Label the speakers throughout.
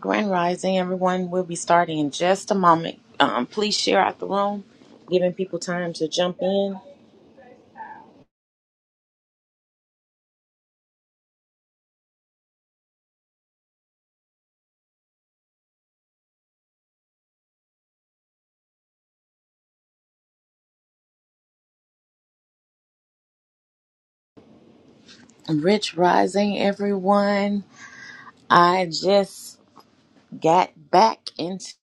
Speaker 1: Grand Rising, everyone. We'll be starting in just a moment. Um, please share out the room, giving people time to jump in. Rich Rising, everyone. I just got back into.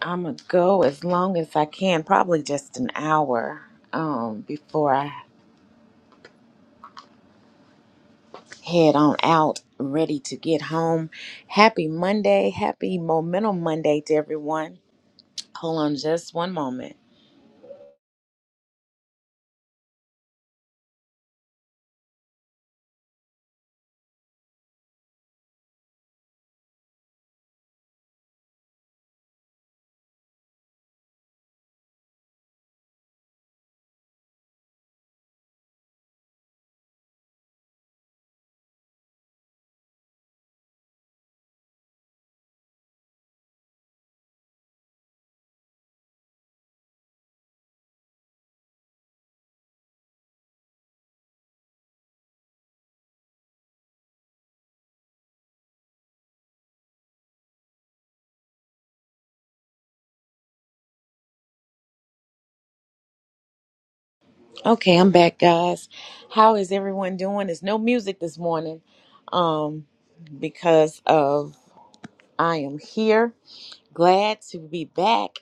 Speaker 1: I'm gonna go as long as I can, probably just an hour um, before I head on out, ready to get home. Happy Monday, happy Momentum Monday to everyone. Hold on just one moment. Okay, I'm back, guys. How is everyone doing? There's no music this morning, um, because of I am here. Glad to be back.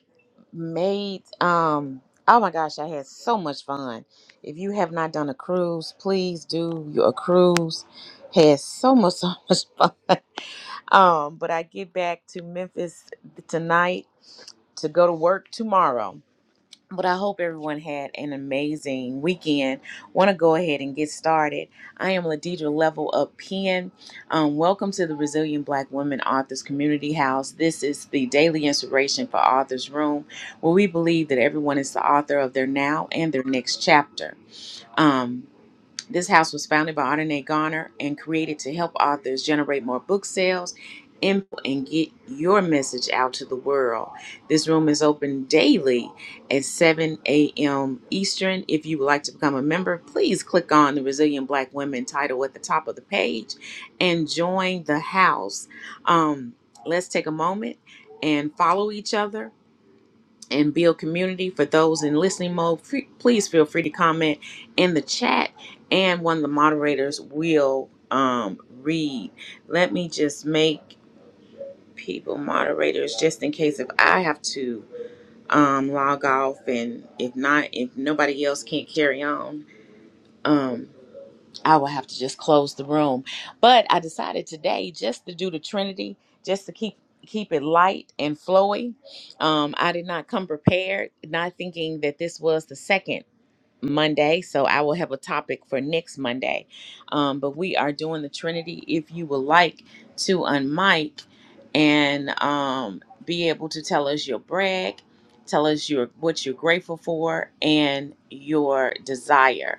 Speaker 1: Made um. Oh my gosh, I had so much fun. If you have not done a cruise, please do your cruise. Had so much so much fun. Um, but I get back to Memphis tonight to go to work tomorrow. But I hope everyone had an amazing weekend. Want to go ahead and get started. I am Ladidra Level Up Pen. Um, welcome to the Resilient Black Women Authors Community House. This is the daily inspiration for Authors Room, where we believe that everyone is the author of their now and their next chapter. Um, this house was founded by Ardenae Garner and created to help authors generate more book sales and, and get your message out to the world. This room is open daily at 7 a.m. Eastern. If you would like to become a member, please click on the Resilient Black Women title at the top of the page and join the house. Um, let's take a moment and follow each other and build community. For those in listening mode, fe- please feel free to comment in the chat, and one of the moderators will um, read. Let me just make people moderators just in case if I have to um, log off, and if not, if nobody else can't carry on. Um, I will have to just close the room. But I decided today just to do the Trinity, just to keep keep it light and flowy. Um, I did not come prepared, not thinking that this was the second Monday, so I will have a topic for next Monday. Um, but we are doing the Trinity. If you would like to unmic and um, be able to tell us your brag, tell us your what you're grateful for and your desire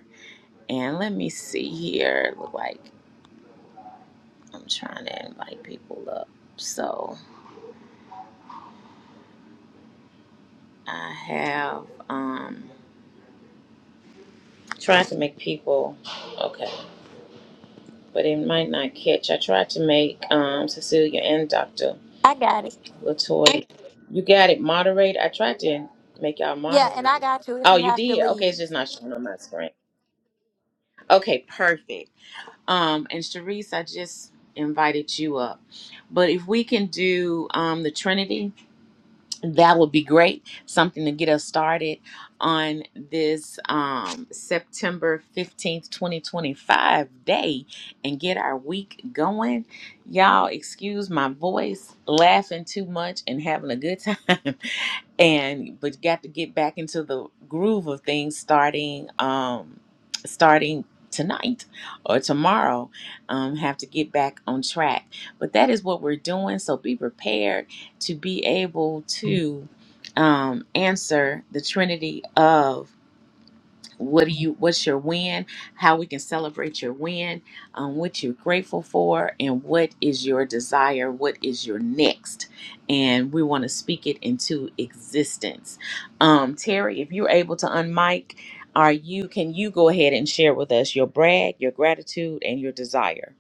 Speaker 1: and let me see here. Look like I'm trying to invite people up. So I have um tried to make people okay, but it might not catch. I tried to make um Cecilia and Dr.
Speaker 2: I got it.
Speaker 1: Latoya. You got it, moderate. I tried to make y'all
Speaker 2: Yeah, and I
Speaker 1: moderators.
Speaker 2: got you if
Speaker 1: Oh,
Speaker 2: you
Speaker 1: you
Speaker 2: have to
Speaker 1: did? Okay, it's
Speaker 2: leave.
Speaker 1: just not showing on my screen. Okay, perfect. Um and Sharice, I just invited you up. But if we can do um the Trinity that would be great. Something to get us started on this um, September 15th, 2025 day and get our week going. Y'all, excuse my voice, laughing too much and having a good time. and but got to get back into the groove of things starting um starting tonight or tomorrow um have to get back on track but that is what we're doing so be prepared to be able to um, answer the trinity of what do you what's your win how we can celebrate your win um, what you're grateful for and what is your desire what is your next and we want to speak it into existence um, terry if you're able to unmic are you can you go ahead and share with us your brag your gratitude and your desire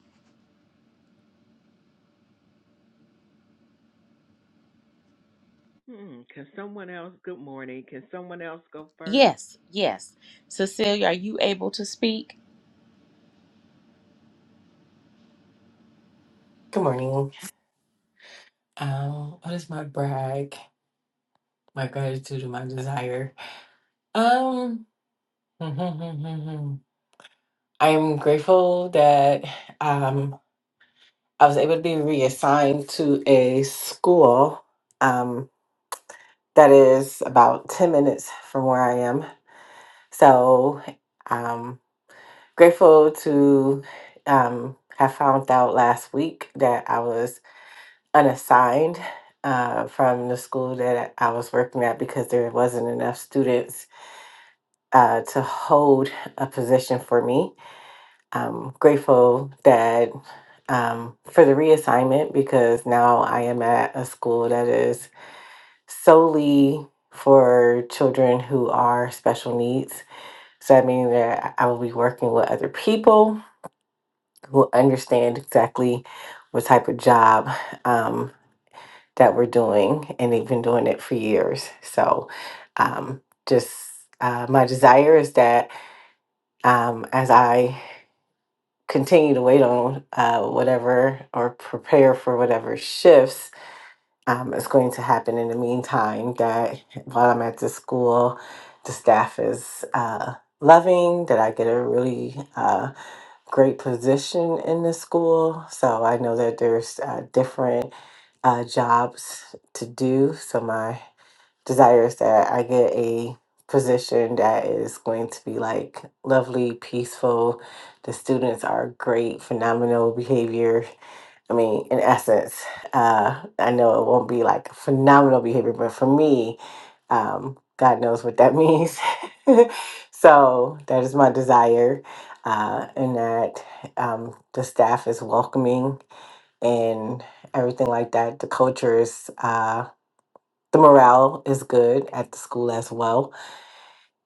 Speaker 3: Hmm, can someone else? Good morning. Can someone else go first?
Speaker 1: yes yes cecilia are you able to speak
Speaker 4: Good morning. Um, what is my brag? My gratitude and my desire. Um, I'm grateful that um I was able to be reassigned to a school um that is about 10 minutes from where I am. So um grateful to um have found out last week that I was unassigned uh, from the school that I was working at because there wasn't enough students uh, to hold a position for me. I'm grateful that um, for the reassignment because now I am at a school that is solely for children who are special needs. So that means that I will be working with other people who understand exactly what type of job um, that we're doing, and they've been doing it for years. So, um, just uh, my desire is that um, as I continue to wait on uh, whatever or prepare for whatever shifts um, is going to happen in the meantime, that while I'm at the school, the staff is uh, loving, that I get a really uh, great position in the school. So, I know that there's uh, different uh, jobs to do. So, my desires that I get a position that is going to be like lovely, peaceful. The students are great, phenomenal behavior. I mean, in essence, uh, I know it won't be like phenomenal behavior, but for me, um, God knows what that means. so that is my desire, uh, and that um, the staff is welcoming and everything like that. The culture is. Uh, the morale is good at the school as well.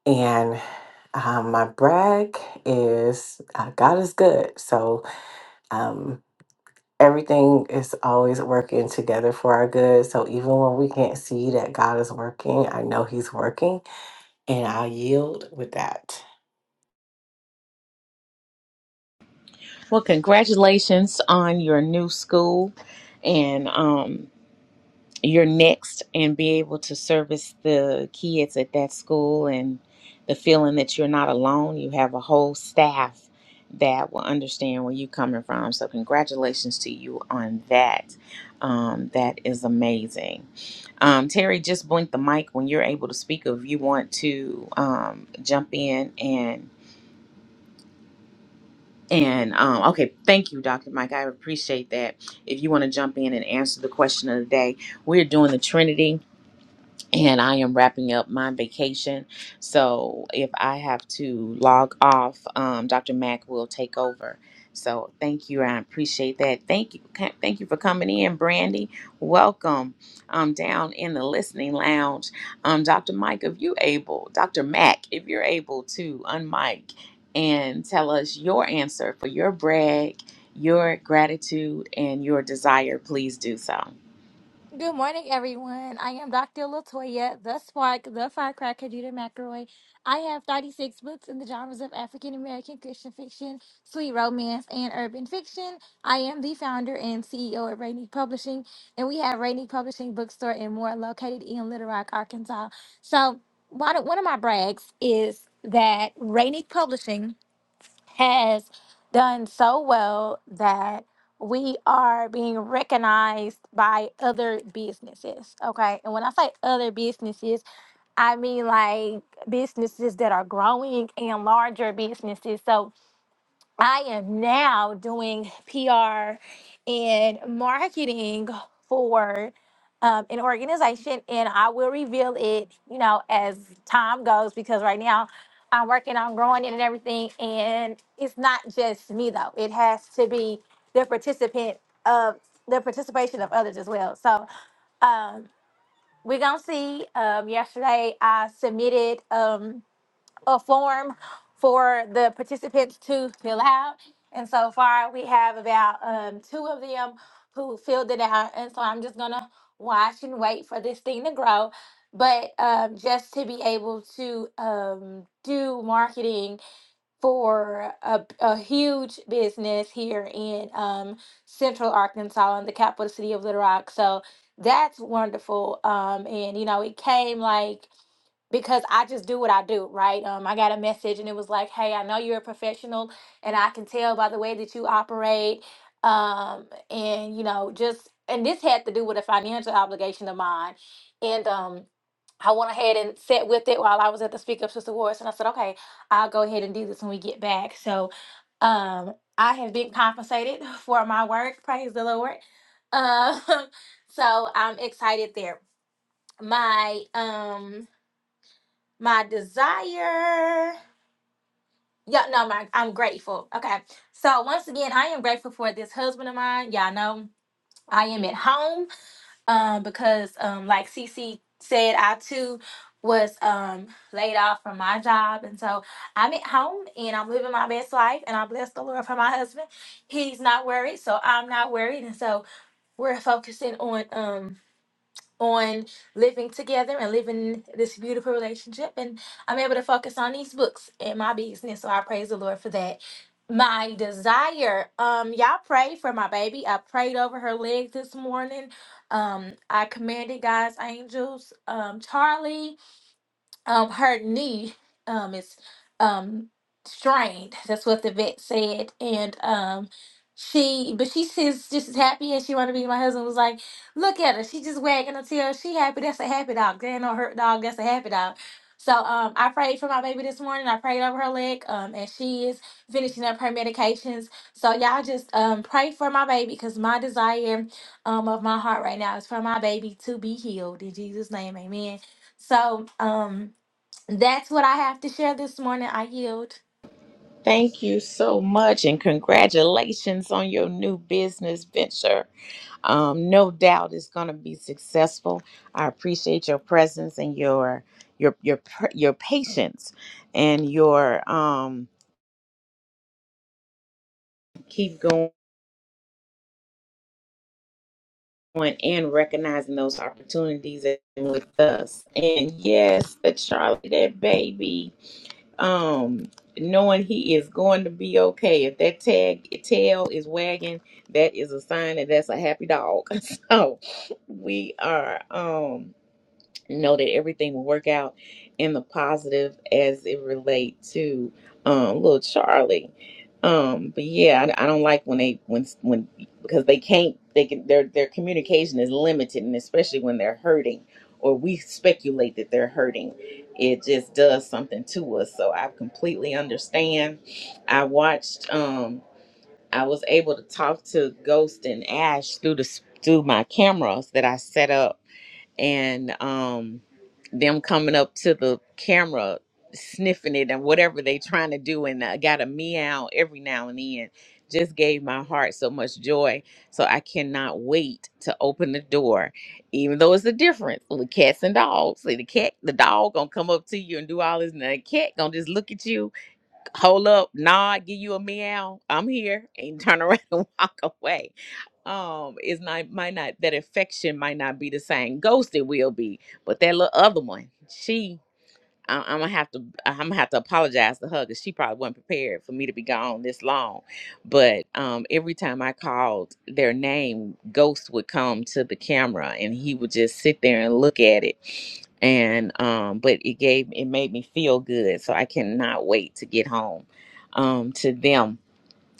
Speaker 4: And um, my brag is uh, God is good. So um, everything is always working together for our good. So even when we can't see that God is working, I know He's working. And I yield with that.
Speaker 1: Well, congratulations on your new school and um, your next, and be able to service the kids at that school and the feeling that you're not alone. You have a whole staff that will understand where you're coming from. So, congratulations to you on that. Um, that is amazing. Um, Terry, just blink the mic when you're able to speak. If you want to um, jump in and. And um, okay, thank you, Dr. Mike. I appreciate that. If you want to jump in and answer the question of the day, we're doing the Trinity and I am wrapping up my vacation. So if I have to log off, um, Dr. Mack will take over. So thank you. I appreciate that. Thank you. Ca- Thank you for coming in, Brandy. Welcome um, down in the listening lounge. Um, Dr. Mike, if you able, Dr. Mack, if you're able to unmic and tell us your answer for your brag, your gratitude, and your desire, please do so.
Speaker 2: Good morning, everyone. I am Dr. Latoya, the spark, the firecracker, Judah McElroy. I have 36 books in the genres of African American Christian fiction, sweet romance, and urban fiction. I am the founder and CEO of Rainy Publishing, and we have Rainy Publishing Bookstore and more located in Little Rock, Arkansas. So, one of one of my brags is that Rainy Publishing has done so well that we are being recognized by other businesses. Okay. And when I say other businesses, I mean like businesses that are growing and larger businesses. So I am now doing PR and marketing for um, an organization, and I will reveal it, you know, as time goes because right now I'm working on growing it and everything. And it's not just me though; it has to be the participant of the participation of others as well. So um, we're gonna see. Um, yesterday, I submitted. Um, a form for the participants to fill out. And so far, we have about um, two of them who filled it out. And so I'm just gonna watch and wait for this thing to grow. But um, just to be able to um, do marketing for a, a huge business here in um, Central Arkansas, in the capital city of Little Rock, so that's wonderful. Um, and you know, it came like because I just do what I do, right? Um, I got a message and it was like, hey, I know you're a professional and I can tell by the way that you operate. Um, and, you know, just, and this had to do with a financial obligation of mine. And um, I went ahead and sat with it while I was at the Speak Up Sister Awards. And I said, okay, I'll go ahead and do this when we get back. So um, I have been compensated for my work. Praise the Lord. Um, so I'm excited there. My, um, my desire yeah no my i'm grateful okay so once again i am grateful for this husband of mine y'all know i am at home um because um like cc said i too was um laid off from my job and so i'm at home and i'm living my best life and i bless the lord for my husband he's not worried so i'm not worried and so we're focusing on um on living together and living this beautiful relationship. And I'm able to focus on these books and my business. So I praise the Lord for that. My desire, um, y'all pray for my baby. I prayed over her legs this morning. Um, I commanded God's angels, um, Charlie um her knee um is um strained that's what the vet said and um she but she's just, just as happy as she want to be my husband was like look at her she just wagging her tail she happy that's a happy dog there ain't no hurt dog that's a happy dog so um i prayed for my baby this morning i prayed over her leg um and she is finishing up her medications so y'all just um pray for my baby because my desire um of my heart right now is for my baby to be healed in jesus name amen so um that's what I have to share this morning. I yield.
Speaker 1: Thank you so much, and congratulations on your new business venture. Um, no doubt it's going to be successful. I appreciate your presence and your your your pr- your patience and your um, keep going and recognizing those opportunities and with us. And yes, the Charlie, that baby. um knowing he is going to be okay if that tag tail is wagging that is a sign that that's a happy dog so we are um know that everything will work out in the positive as it relate to um little charlie um but yeah I, I don't like when they when when because they can't they can their their communication is limited and especially when they're hurting or we speculate that they're hurting it just does something to us so i completely understand i watched um i was able to talk to ghost and ash through the s- through my cameras that i set up and um them coming up to the camera sniffing it and whatever they trying to do and I got a meow every now and then just gave my heart so much joy so I cannot wait to open the door even though it's a difference with cats and dogs see the cat the dog gonna come up to you and do all this and the cat gonna just look at you hold up nod give you a meow I'm here and turn around and walk away um is not might not that affection might not be the same ghosted will be but that little other one she I, i'm gonna have to i'm gonna have to apologize to her because she probably wasn't prepared for me to be gone this long but um every time i called their name ghost would come to the camera and he would just sit there and look at it and um but it gave it made me feel good so i cannot wait to get home um to them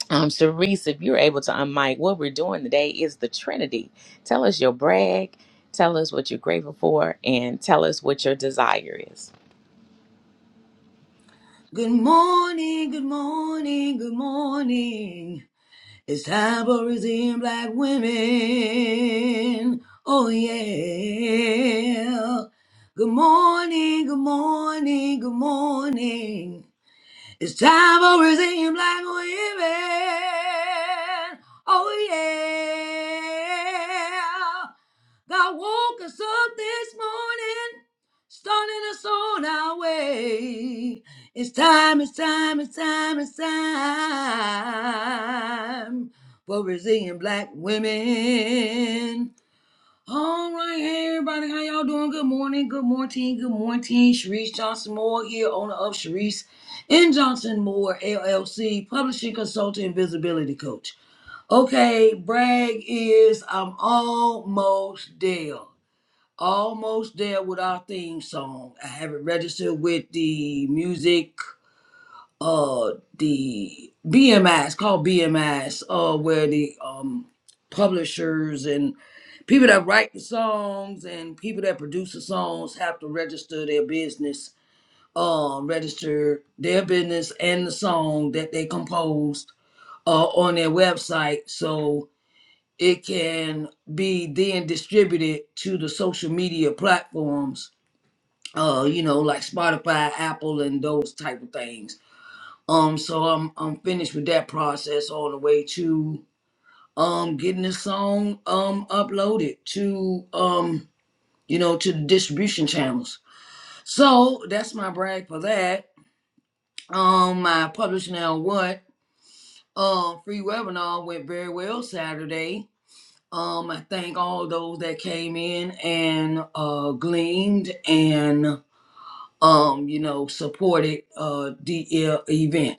Speaker 1: um, Sharice, if you're able to unmic, what we're doing today is the Trinity. Tell us your brag, tell us what you're grateful for, and tell us what your desire is.
Speaker 5: Good morning, good morning, good morning. It's time for Brazilian black women. Oh yeah. Good morning, good morning, good morning. It's time for Brazilian black women. Oh yeah. God woke us up this morning, starting us on our way. It's time, it's time, it's time, it's time for Brazilian black women. All right, hey everybody, how y'all doing? Good morning, good morning, good morning. Sharice Johnson Moore here, owner of Sharice and Johnson Moore LLC, publishing consultant, and visibility coach. Okay, brag is I'm almost there, almost there with our theme song. I have it registered with the music uh the BMIs called BMIs uh where the um publishers and people that write the songs and people that produce the songs have to register their business uh register their business and the song that they composed uh on their website so it can be then distributed to the social media platforms uh you know like Spotify, Apple and those type of things um, so I'm I'm finished with that process on the way to um getting the song um uploaded to um you know to the distribution channels. So that's my brag for that. Um, my publish now what um free webinar went very well Saturday. Um, I thank all those that came in and uh gleaned and um you know supported uh the uh, event.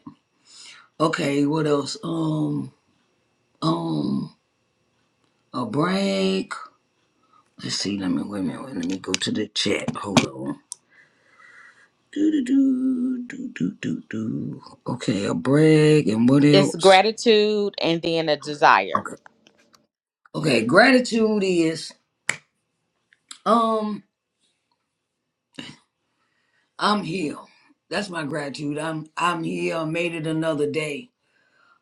Speaker 5: Okay, what else? Um um. a break. Let's see. Let me wait a minute. Let me go to the chat. Hold on. Do do do do do do do. Okay, a break and what
Speaker 1: It's
Speaker 5: else?
Speaker 1: gratitude and then a desire.
Speaker 5: Okay. Okay. Gratitude is um I'm here. That's my gratitude. I'm I'm here. I made it another day.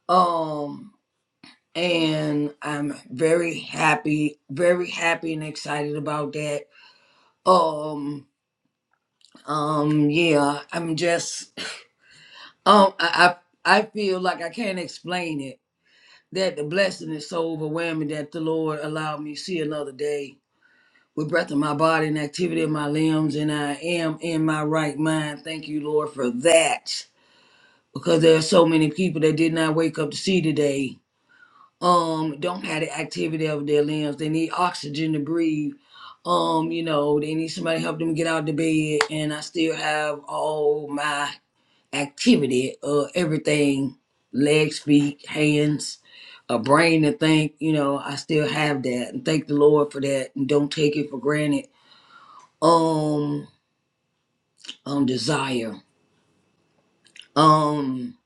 Speaker 5: Um and I'm very happy, very happy and excited about that. Um um yeah, I'm just Um, I, I I feel like I can't explain it. That the blessing is so overwhelming that the Lord allowed me to see another day with breath in my body and activity of my limbs, and I am in my right mind. Thank you, Lord, for that. Because there are so many people that did not wake up to see today. Um, don't have the activity of their limbs. They need oxygen to breathe. Um, you know, they need somebody to help them get out of the bed, and I still have all my activity of everything legs, feet, hands, a brain to think, you know, I still have that and thank the Lord for that and don't take it for granted. Um um desire. Um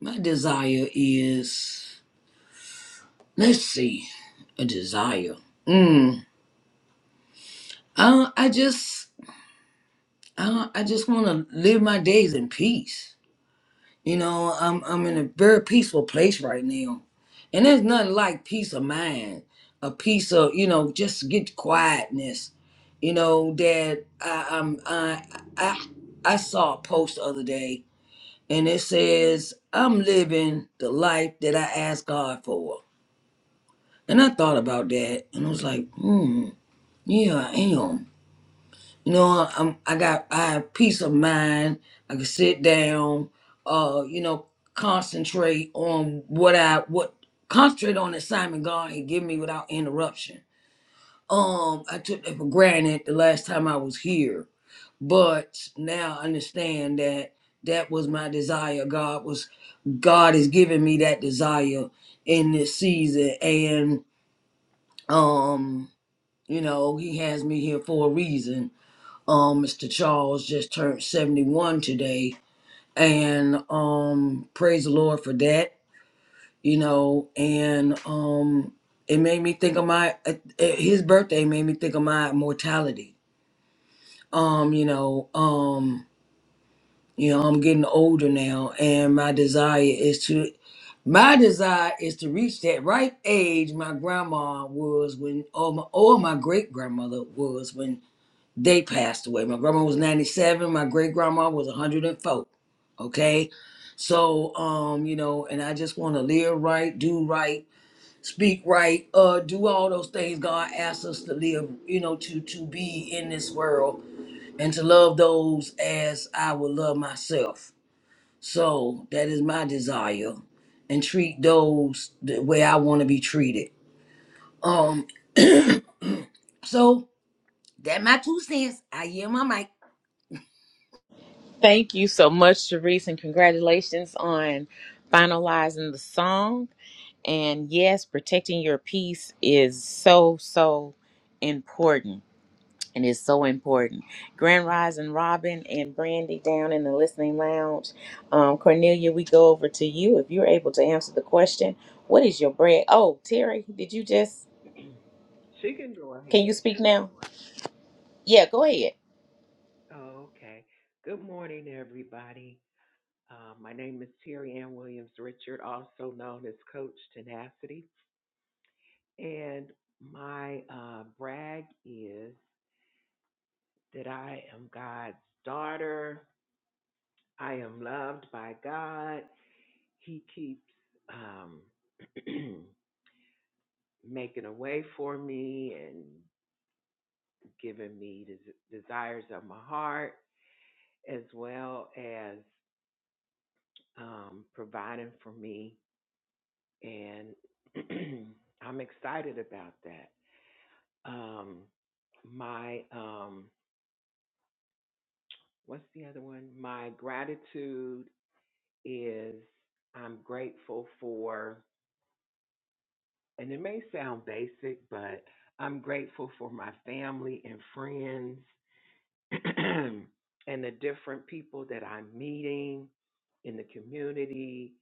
Speaker 5: my desire is let's see, a desire. Mm. I I just I, I just wanna live my days in peace. You know, I'm I'm in a very peaceful place right now. And there's nothing like peace of mind, a peace of, you know, just get quietness. You know, that I I'm I I I saw a post the other day and it says, I'm living the life that I asked God for. And I thought about that and I was like, hmm, yeah, I am. No, I'm, I got I have peace of mind. I can sit down, uh, you know, concentrate on what I what concentrate on the assignment God and give me without interruption. Um, I took that for granted the last time I was here, but now I understand that that was my desire. God was God is giving me that desire in this season, and um, you know, He has me here for a reason um, Mr. Charles just turned 71 today, and um, praise the Lord for that, you know. And um, it made me think of my uh, uh, his birthday made me think of my mortality. Um, you know, um, you know, I'm getting older now, and my desire is to my desire is to reach that right age my grandma was when, or my, or my great grandmother was when they passed away. My grandma was 97, my great grandma was 104. Okay? So, um, you know, and I just want to live right, do right, speak right, uh, do all those things God asks us to live, you know, to to be in this world and to love those as I would love myself. So that is my desire. And treat those the way I want to be treated. Um, so that my two cents. I yield my mic.
Speaker 1: Thank you so much, Sharice, and congratulations on finalizing the song. And yes, protecting your peace is so, so important and it's so important. Grand Rise and Robin and Brandy down in the listening lounge. Um, Cornelia, we go over to you if you're able to answer the question. What is your brand? Oh, Terry, did you just?
Speaker 3: she can go
Speaker 1: Can you
Speaker 3: ahead.
Speaker 1: speak now? Yeah, go ahead.
Speaker 3: Oh, okay. Good morning, everybody. Uh, my name is Terry Ann Williams Richard, also known as Coach Tenacity. And my uh, brag is that I am God's daughter. I am loved by God. He keeps um, making a way for me and. given me the desires of my heart as well as um, providing for me. And I'm excited about that. Um, my, um, what's the other one? My gratitude is I'm grateful for, and it may sound basic, but I'm grateful for my family and friends and the different people that I'm meeting in the community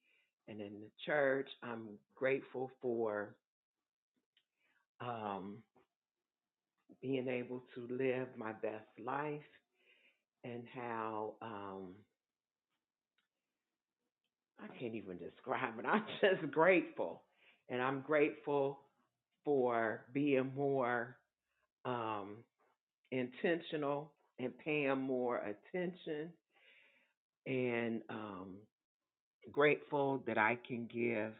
Speaker 3: and in the church. I'm grateful for um, being able to live my best life and how um, I can't even describe it. I'm just grateful. And I'm grateful for being more um, intentional and paying more attention and um, grateful that I can give.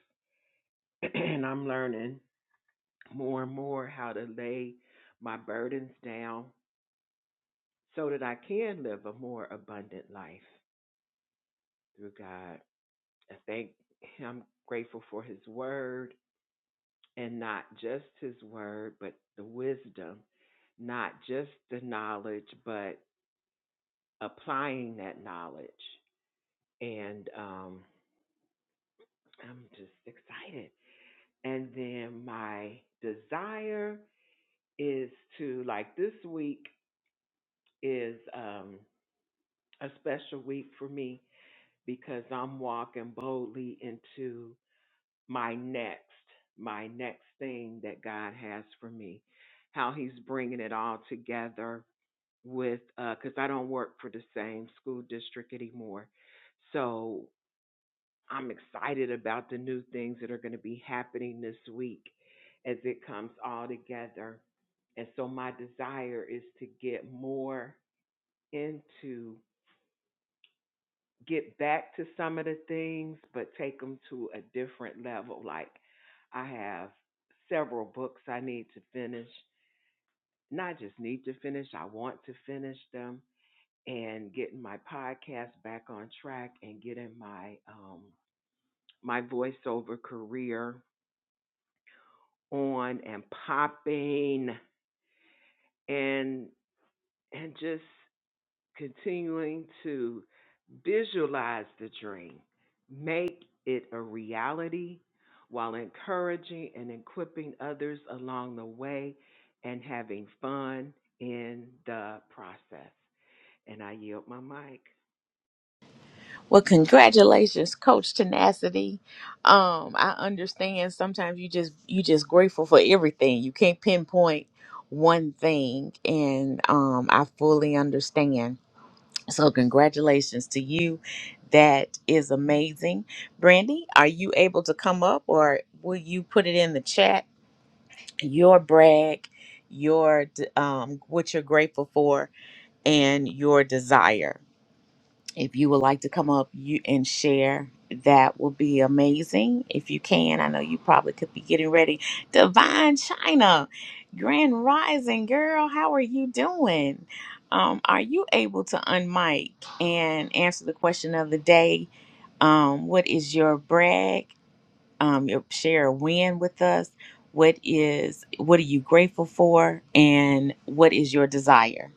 Speaker 3: and I'm learning more and more how to lay my burdens down so that I can live a more abundant life through God. I thank I'm grateful for his word and not just his word, but the wisdom, not just the knowledge, but applying that knowledge. And um, I'm just excited. And then my desire is to like this week is um, a special week for me because I'm walking boldly into my next, my next thing that God has for me. How He's bringing it all together with, because I don't work for the same school district anymore. So I'm excited about the new things that are going to be happening this week as it comes all together. And so my desire is to get more into get back to some of the things, but take them to a different level. Like I have several books I need to finish. Not just need to finish, I want to finish them and getting my podcast back on track and getting my um my voiceover career on and popping and and just continuing to visualize the dream, make it a reality while encouraging and equipping others along the way and having fun in the process. And I yield my mic.
Speaker 1: Well, congratulations, Coach Tenacity. Um, I understand sometimes you just you just grateful for everything. You can't pinpoint one thing, and um, I fully understand. So congratulations to you. That is amazing. Brandy, are you able to come up or will you put it in the chat? Your brag, your d- um what you're grateful for and your desire. If you would like to come up you and share, that will be amazing. If you can, I know you probably could be getting ready. Divine China, Grand Rising girl, how are you doing? Um, are you able to unmic and answer the question of the day? Um, what is your brag? Um, your share a win with us. What is what are you grateful for? And what is your desire?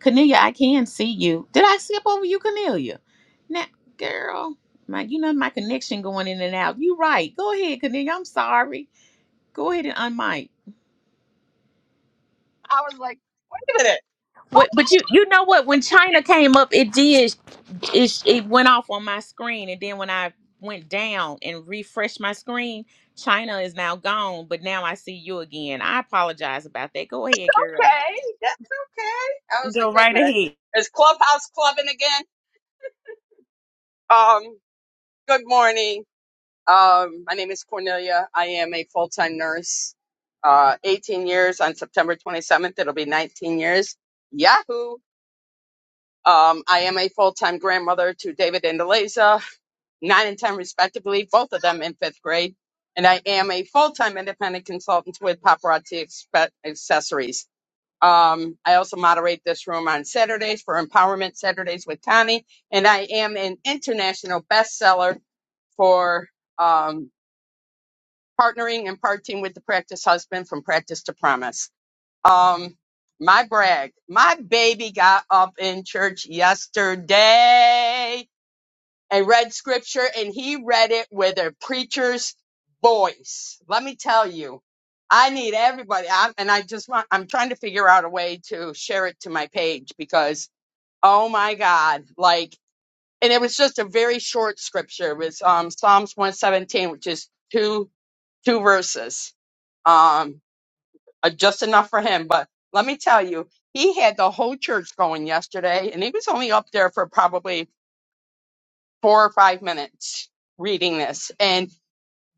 Speaker 1: Cornelia, I can see you. Did I skip over you, Cornelia? Now, girl, my you know my connection going in and out. You right. Go ahead, Cornelia. I'm sorry. Go ahead and unmic.
Speaker 6: I was like, wait a minute.
Speaker 1: What, but you you know what? When China came up, it did it, it went off on my screen, and then when I went down and refreshed my screen, China is now gone. But now I see you again. I apologize about that. Go ahead, girl.
Speaker 6: Okay, that's okay. I was like,
Speaker 1: Go
Speaker 6: wait a
Speaker 1: right
Speaker 6: minute.
Speaker 1: ahead.
Speaker 6: Is Clubhouse clubbing again? Um, good morning. Um, my name is Cornelia. I am a full time nurse. Uh, 18 years on September 27th. It'll be 19 years. Yahoo. Um, I am a full time grandmother to David and Eliza, nine and 10 respectively, both of them in fifth grade. And I am a full time independent consultant with Paparazzi Expe- Accessories. Um, I also moderate this room on Saturdays for Empowerment Saturdays with Tani, and I am an international bestseller for um, partnering and parting with the practice husband from practice to promise. Um, my brag, my baby got up in church yesterday and read scripture and he read it with a preacher's voice. Let me tell you, I need everybody. I, and I just want, I'm trying to figure out a way to share it to my page because, oh my God, like, and it was just a very short scripture. It was um, Psalms 117, which is two, two verses, um, uh, just enough for him. But let me tell you, he had the whole church going yesterday and he was only up there for probably four or five minutes reading this. And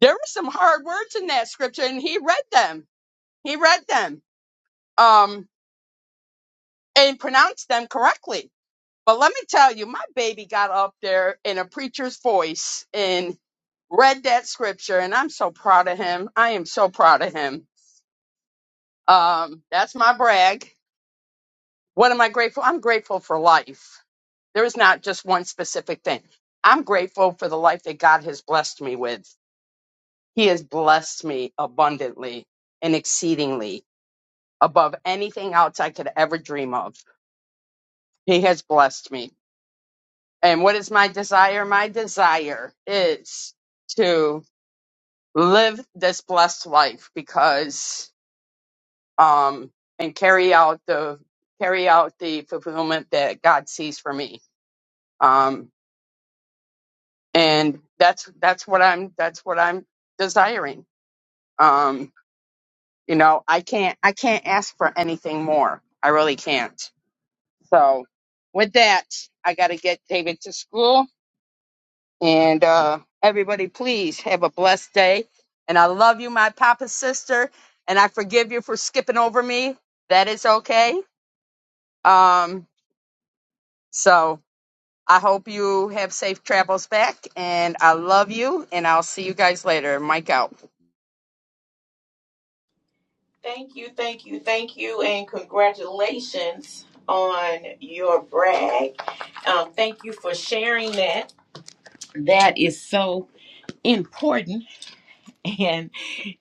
Speaker 6: there were some hard words in that scripture, and he read them. He read them um, and pronounced them correctly. But let me tell you, my baby got up there in a preacher's voice and read that scripture, and I'm so proud of him. I am so proud of him. Um, that's my brag. What am I grateful? I'm grateful for life. There is not just one specific thing. I'm grateful for the life that God has blessed me with. He has blessed me abundantly and exceedingly above anything else I could ever dream of. He has blessed me. And what is my desire? My desire is to live this blessed life because um and carry out the carry out the fulfillment that God sees for me. Um and that's that's what I'm that's what I'm desiring. Um you know, I can't I can't ask for anything more. I really can't So with that, I got to get David to school. And uh, everybody, please have a blessed day. And I love you, my papa's sister. And I forgive you for skipping over me. That is okay. Um, so I hope you have safe travels back. And I love you. And I'll see you guys later. Mike out.
Speaker 1: Thank you, thank you, thank you, and congratulations on your brag. Um, thank you for sharing that. That is so important. And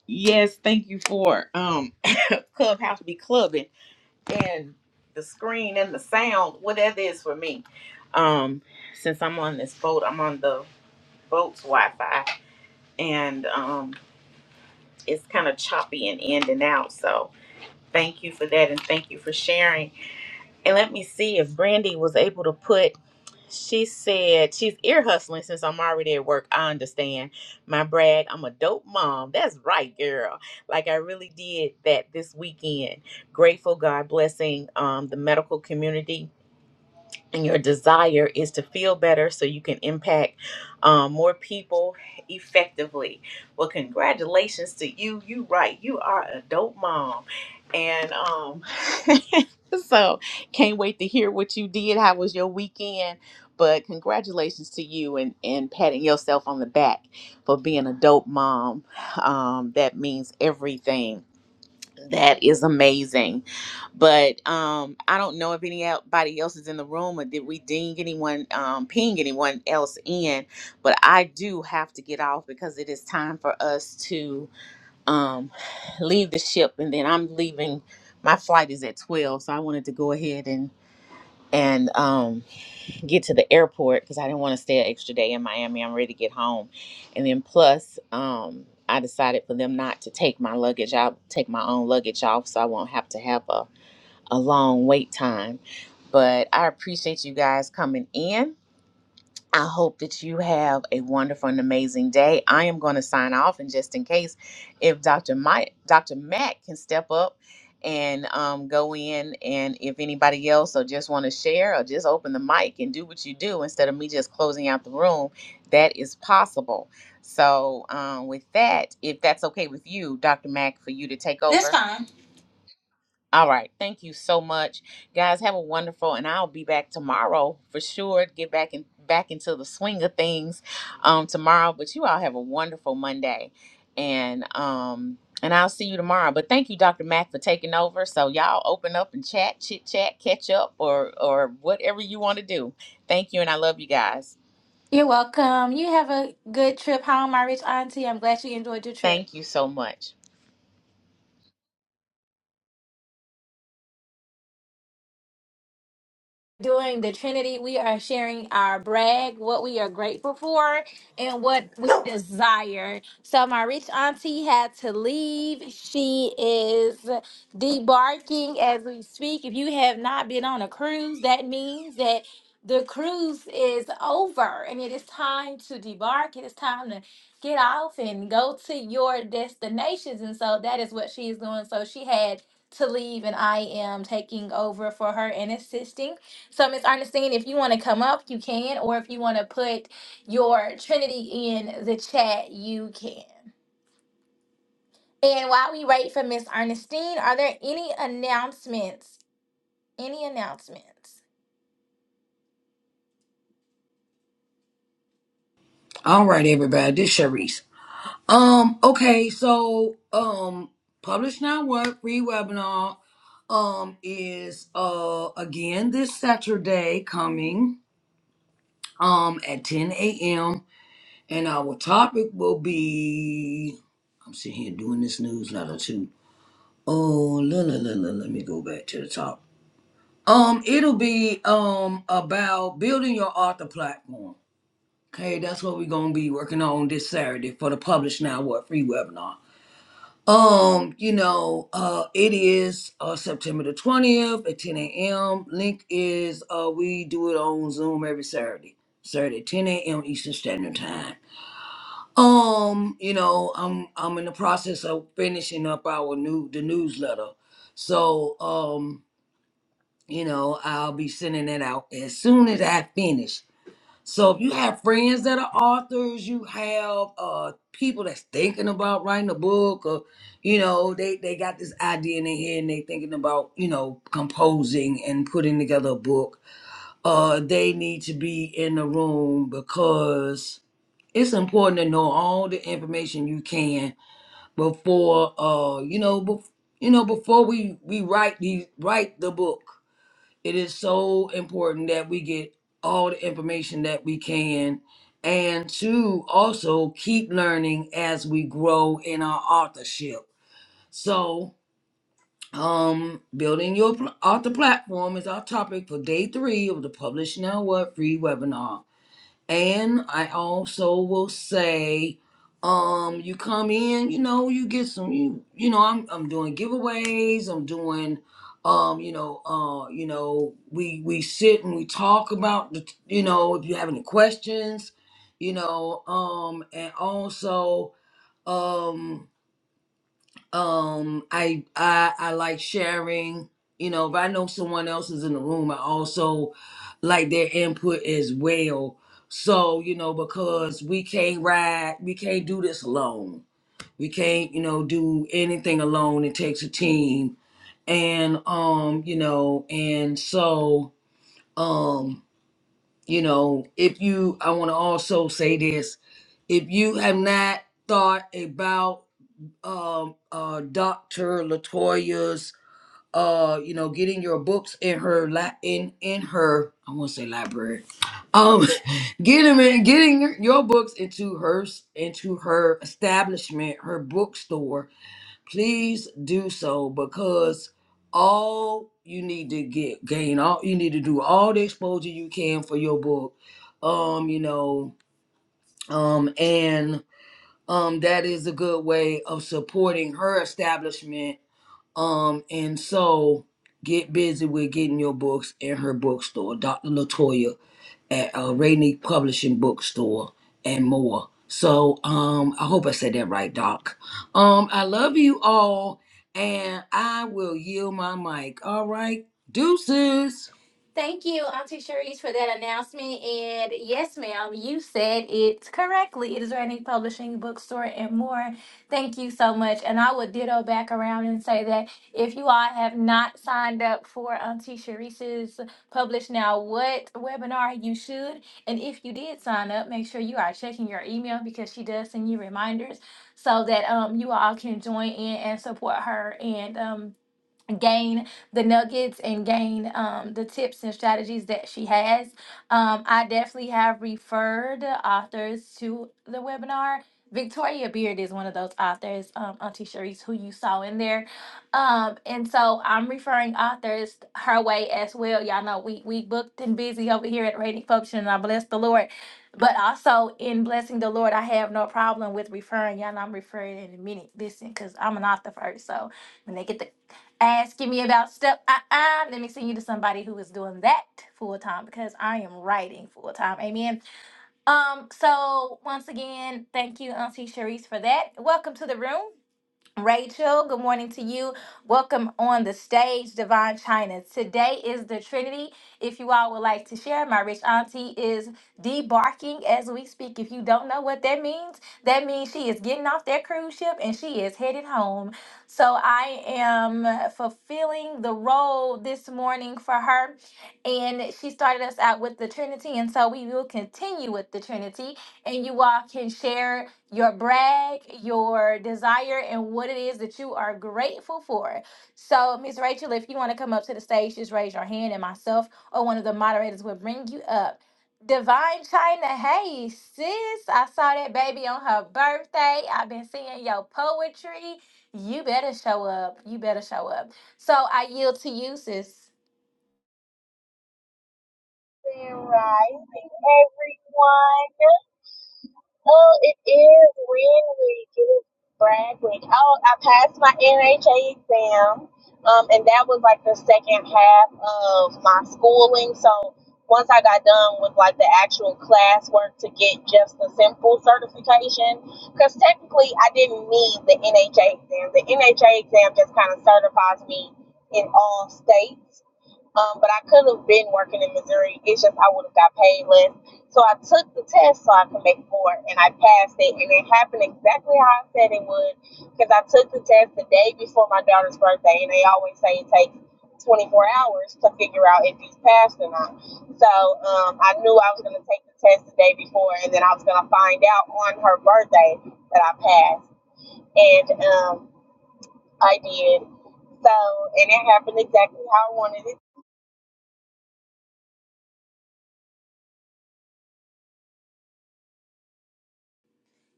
Speaker 1: yes, thank you for um Clubhouse be clubbing and the screen and the sound, whatever that is for me. Um, since I'm on this boat, I'm on the boat's Wi-Fi, and um, it's kind of choppy and in and out. So thank you for that, and thank you for sharing. And let me see if Brandy was able to put. She said she's ear hustling since I'm already at work. I understand my brag. I'm a dope mom. That's right, girl. Like I really did that this weekend. Grateful God blessing um, the medical community and your desire is to feel better so you can impact um, more people effectively. Well, congratulations to you. You right. You are a dope mom, and um, so can't wait to hear what you did. How was your weekend? But congratulations to you and and patting yourself on the back for being a dope mom. Um, that means everything that is amazing. But um, I don't know if anybody else is in the room or did we ding anyone, um, ping anyone else in. But I do have to get off because it is time for us to um, leave the ship. And then I'm leaving. My flight is at 12. So I wanted to go ahead and, and, um, get to the airport because I didn't want to stay an extra day in Miami. I'm ready to get home. And then plus, um, I decided for them not to take my luggage out, take my own luggage off so I won't have to have a, a long wait time. But I appreciate you guys coming in. I hope that you have a wonderful and amazing day. I am going to sign off, and just in case, if Dr. Mike, Dr. Matt can step up and um, go in, and if anybody else or just want to share or just open the mic and do what you do instead of me just closing out the room, that is possible. So, um, with that, if that's okay with you, Dr. Mack, for you to take
Speaker 2: That's
Speaker 1: over.
Speaker 2: fine.
Speaker 1: All right. Thank you so much. Guys, have a wonderful and I'll be back tomorrow for sure. Get back in back into the swing of things um tomorrow. But you all have a wonderful Monday. And um and I'll see you tomorrow. But thank you, Dr. Mack, for taking over. So y'all open up and chat, chit chat, catch up, or or whatever you want to do. Thank you and I love you guys.
Speaker 2: You're welcome. You have a good trip home, my rich auntie. I'm glad you enjoyed your trip.
Speaker 1: Thank you so much.
Speaker 2: doing the Trinity, we are sharing our brag, what we are grateful for, and what we desire. So, my rich auntie had to leave. She is debarking as we speak. If you have not been on a cruise, that means that the cruise is over and it is time to debark. It is time to get off and go to your destinations. And so, that is what she is doing. So, she had to leave, and I am taking over for her and assisting. So, Miss Ernestine, if you want to come up, you can, or if you want to put your Trinity in the chat, you can. And while we wait for Miss Ernestine, are there any announcements? Any announcements?
Speaker 5: All right, everybody. This Sharice. Um, okay, so um publish now what free webinar um is uh again this Saturday coming um at 10 a.m. and our topic will be I'm sitting here doing this newsletter too. Oh la la la la let me go back to the top. Um it'll be um about building your author platform. Okay, that's what we're gonna be working on this Saturday for the Publish Now What free webinar. Um, you know, uh, it is uh, September the 20th at 10 a.m. Link is uh, we do it on Zoom every Saturday, Saturday at 10 a.m. Eastern Standard Time. Um, you know, I'm I'm in the process of finishing up our new the newsletter, so um, you know, I'll be sending that out as soon as I finish. So if you have friends that are authors, you have uh people that's thinking about writing a book, or you know, they they got this idea in their head and they thinking about you know composing and putting together a book. Uh, they need to be in the room because it's important to know all the information you can before uh you know bef- you know before we we write the write the book it is so important that we get all the information that we can and to also keep learning as we grow in our authorship so um building your pl- author platform is our topic for day three of the publish now what free webinar and I also will say, um, you come in, you know, you get some you you know, I'm I'm doing giveaways, I'm doing um, you know, uh, you know, we we sit and we talk about the you know, if you have any questions, you know, um, and also um um i i i like sharing you know if i know someone else is in the room i also like their input as well so you know because we can't ride we can't do this alone we can't you know do anything alone it takes a team and um you know and so um you know if you i want to also say this if you have not thought about um uh Dr. Latoya's uh you know getting your books in her la- in in her I want to say library um getting them in getting your your books into her s- into her establishment her bookstore please do so because all you need to get gain all you need to do all the exposure you can for your book um you know um and um, that is a good way of supporting her establishment. Um, and so get busy with getting your books in her bookstore, Dr. Latoya at uh, Rainy Publishing Bookstore and more. So um, I hope I said that right, Doc. Um, I love you all, and I will yield my mic. All right, deuces.
Speaker 2: Thank you, Auntie Cherise, for that announcement. And yes, ma'am, you said it correctly. It is Randy Publishing, Bookstore, and more. Thank you so much. And I will ditto back around and say that if you all have not signed up for Auntie Cherise's Publish Now What webinar, you should. And if you did sign up, make sure you are checking your email because she does send you reminders so that um, you all can join in and support her and um, gain the nuggets and gain um, the tips and strategies that she has. Um, I definitely have referred authors to the webinar. Victoria Beard is one of those authors, um, Auntie Sharice, who you saw in there. Um, and so I'm referring authors her way as well. Y'all know we we booked and busy over here at Rating Function, and I bless the Lord. But also in blessing the Lord, I have no problem with referring. Y'all know I'm referring in a minute. Listen, because I'm an author first. So when they get the asking me about stuff. Uh-uh. Let me send you to somebody who is doing that full time because I am writing full time. Amen. Um, so once again, thank you, Auntie Sharice, for that. Welcome to the room. Rachel, good morning to you. Welcome on the stage, Divine China. Today is the Trinity. If you all would like to share, my rich auntie is debarking as we speak. If you don't know what that means, that means she is getting off that cruise ship and she is headed home. So I am fulfilling the role this morning for her. And she started us out with the Trinity. And so we will continue with the Trinity. And you all can share your brag, your desire, and what it is that you are grateful for. So, Miss Rachel, if you want to come up to the stage, just raise your hand, and myself or one of the moderators will bring you up. Divine China, hey sis, I saw that baby on her birthday. I've been seeing your poetry. You better show up. You better show up. So I yield to you, sis.
Speaker 7: Rising, rising, everyone. Oh, it is Win Week. It is Brad Week. Oh, I passed my NHA exam, um, and that was like the second half of my schooling. So once I got done with like the actual classwork to get just the simple certification, because technically I didn't need the NHA exam. The NHA exam just kind of certifies me in all states. Um, but I could have been working in Missouri. It's just I would have got paid less. So I took the test so I could make more, and I passed it. And it happened exactly how I said it would, because I took the test the day before my daughter's birthday, and they always say it takes 24 hours to figure out if you passed or not. So um, I knew I was going to take the test the day before, and then I was going to find out on her birthday that I passed, and um, I did. So, and it happened exactly how I wanted it.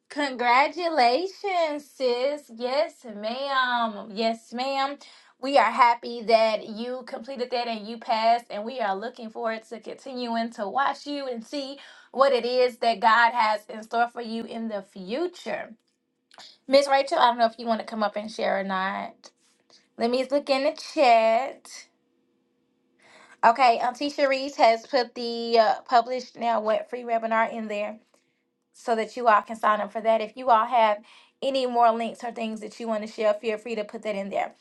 Speaker 2: Congratulations, sis. Yes, ma'am. Yes, ma'am. We are happy that you completed that and you passed, and we are looking forward to continuing to watch you and see what it is that God has in store for you in the future. Miss Rachel, I don't know if you want to come up and share or not. Let me look in the chat. Okay, Auntie Cherise has put the uh, published now what free webinar in there. so that you all can sign up for that. If you all have any more links or things that you want to share, feel free to put that in there.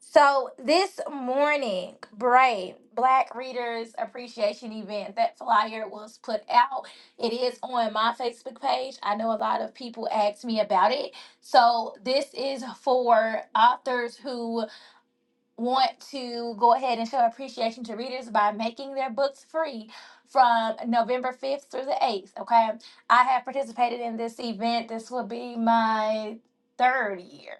Speaker 2: So this morning, Brave Black Readers Appreciation Event, that flyer was put out. It is on my Facebook page. I know a lot of people asked me about it. So this is for authors who want to go ahead and show appreciation to readers by making their books free from November 5th through the 8th. Okay. I have participated in this event. This will be my third year.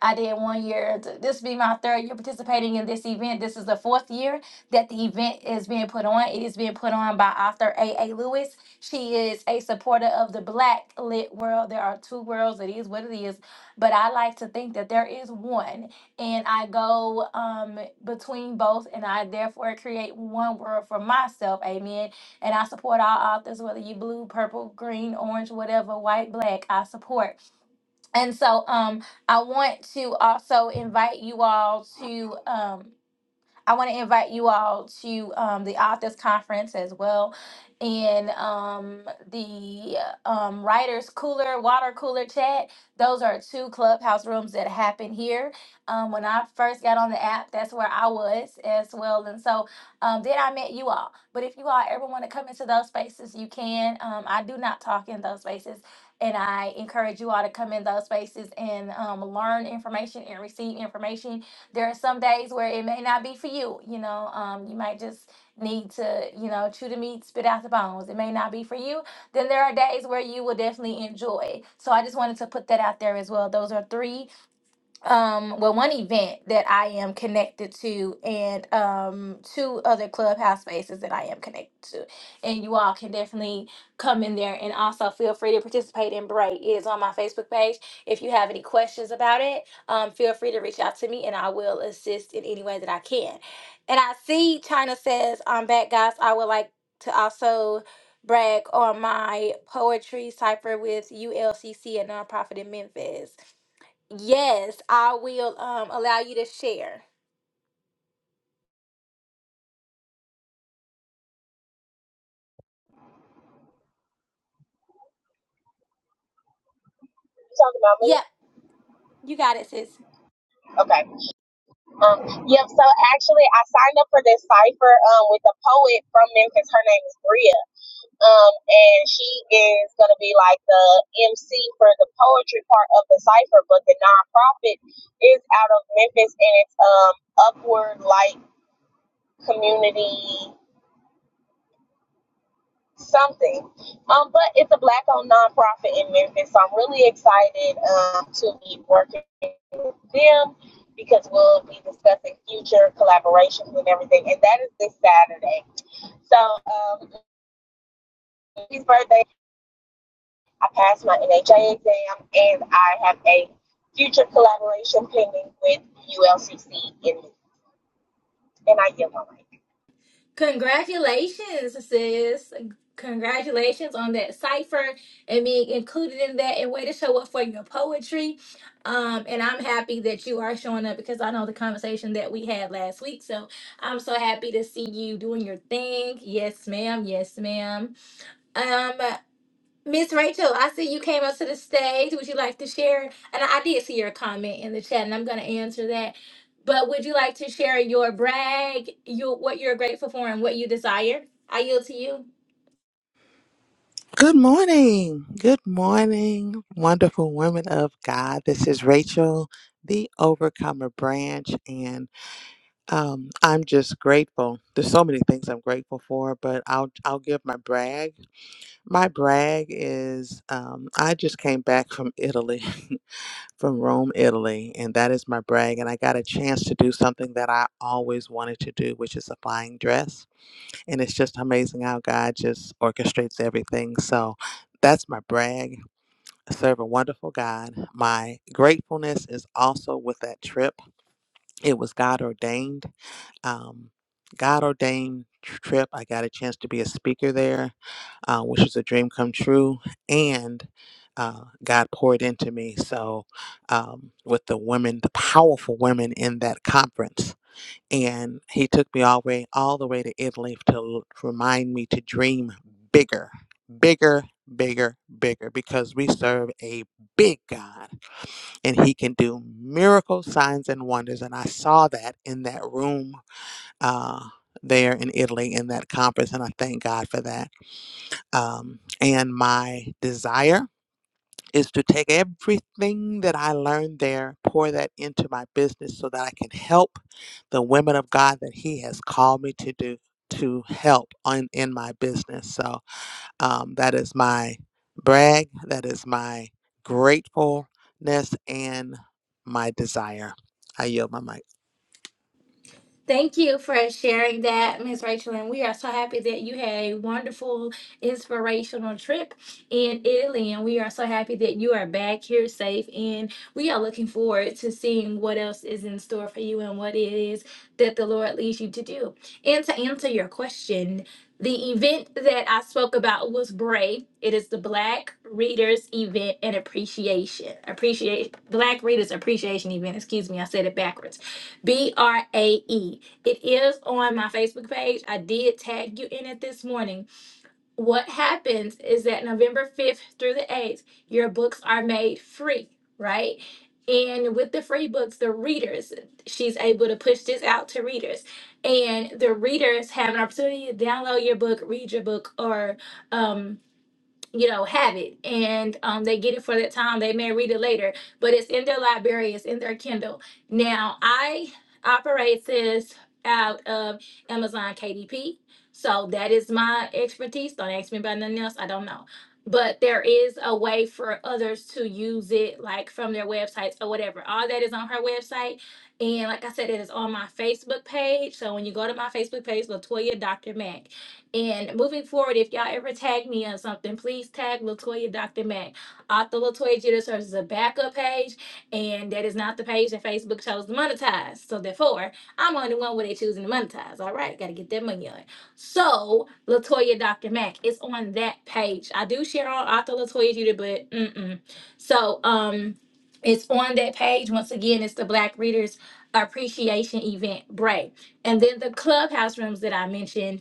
Speaker 2: I did one year. This will be my third year participating in this event. This is the fourth year that the event is being put on. It is being put on by author A. A. Lewis. She is a supporter of the black lit world. There are two worlds. It is what it is. But I like to think that there is one and I go um between both and I therefore create one world for myself. Amen. And I support all authors, whether you blue, purple, green, orange, whatever, white, black, I support. And so um I want to also invite you all to um I want to invite you all to um, the authors conference as well, and um, the um, writers cooler, water cooler chat. Those are two clubhouse rooms that happen here. Um, when I first got on the app, that's where I was as well, and so um, then I met you all. But if you all ever want to come into those spaces, you can. Um, I do not talk in those spaces. And I encourage you all to come in those spaces and um, learn information and receive information there are some days where it may not be for you. You know, um, you might just need to, you know, chew the meat, spit out the bones. It may not be for you. Then there are days where you will definitely enjoy. So I just wanted to put that out there as well. Those are three um well one event that I am connected to and um two other clubhouse spaces that I am connected to. And you all can definitely come in there and also feel free to participate in Bray. It is on my Facebook page. If you have any questions about it, um feel free to reach out to me and I will assist in any way that I can. And I see China says I'm back guys. I would like to also brag on my poetry cipher with ULCC a nonprofit in Memphis. Yes, I will um allow you to share.
Speaker 7: You talking about me?
Speaker 2: Yep, you got it, sis.
Speaker 7: Okay. Um, yep. So actually, I signed up for this cipher um, with a poet from Memphis. Her name is Bria, um, and she is gonna be like the MC for the poetry part of the cipher. But the nonprofit is out of Memphis, and it's um Upward Light Community. something. Um, but it's a black owned nonprofit in Memphis, so I'm really excited um, to be working with them because we'll be discussing future collaborations and everything, and that is this Saturday. So, um, his birthday, I passed my NHA exam, and I have a future collaboration pending with ULCC in and I yield my mic.
Speaker 2: Congratulations, sis. Congratulations on that cipher and being included in that and way to show up for your poetry. Um, and I'm happy that you are showing up because I know the conversation that we had last week. So I'm so happy to see you doing your thing. Yes, ma'am. Yes, ma'am. Um, Miss Rachel, I see you came up to the stage. Would you like to share? And I did see your comment in the chat, and I'm going to answer that. But would you like to share your brag, you what you're grateful for, and what you desire? I yield to you.
Speaker 8: Good morning. Good morning, wonderful women of God. This is Rachel, the Overcomer Branch, and um, I'm just grateful. There's so many things I'm grateful for, but I'll I'll give my brag. My brag is um, I just came back from Italy, from Rome, Italy, and that is my brag. And I got a chance to do something that I always wanted to do, which is a flying dress. And it's just amazing how God just orchestrates everything. So that's my brag serve a wonderful God. My gratefulness is also with that trip. It was God ordained. Um, God ordained tr- trip. I got a chance to be a speaker there, uh, which was a dream come true. And uh, God poured into me. So, um, with the women, the powerful women in that conference, and he took me all way all the way to Italy to l- remind me to dream bigger, bigger, bigger, bigger, because we serve a big God, and He can do miracles, signs, and wonders. And I saw that in that room uh, there in Italy in that conference, and I thank God for that. Um, and my desire is to take everything that I learned there, pour that into my business so that I can help the women of God that He has called me to do to help on in my business. So um, that is my brag. That is my gratefulness and my desire. I yield my mic.
Speaker 2: Thank you for sharing that, Ms. Rachel. And we are so happy that you had a wonderful, inspirational trip in Italy. And we are so happy that you are back here safe. And we are looking forward to seeing what else is in store for you and what it is that the Lord leads you to do. And to answer your question, the event that I spoke about was BRAE. It is the Black Readers Event and Appreciation. Appreciate Black Readers Appreciation Event. Excuse me, I said it backwards B R A E. It is on my Facebook page. I did tag you in it this morning. What happens is that November 5th through the 8th, your books are made free, right? And with the free books, the readers, she's able to push this out to readers. And the readers have an opportunity to download your book, read your book, or um you know, have it and um, they get it for that time. They may read it later, but it's in their library, it's in their Kindle. Now, I operate this out of Amazon KDP. So that is my expertise. Don't ask me about nothing else. I don't know. But there is a way for others to use it, like from their websites or whatever. All that is on her website. And like I said, it is on my Facebook page. So when you go to my Facebook page, Latoya Dr. Mack and moving forward, if y'all ever tag me on something, please tag Latoya Dr. Mack. Author Latoya Jeter serves as a backup page, and that is not the page that Facebook chose to monetize. So therefore, I'm on the one where they choosing to monetize. All right, gotta get that money on. So Latoya Dr. Mac, is on that page. I do share on Author Latoya Jeter, but mm-mm. So um, it's on that page once again. It's the Black Readers Appreciation Event Break, and then the clubhouse rooms that I mentioned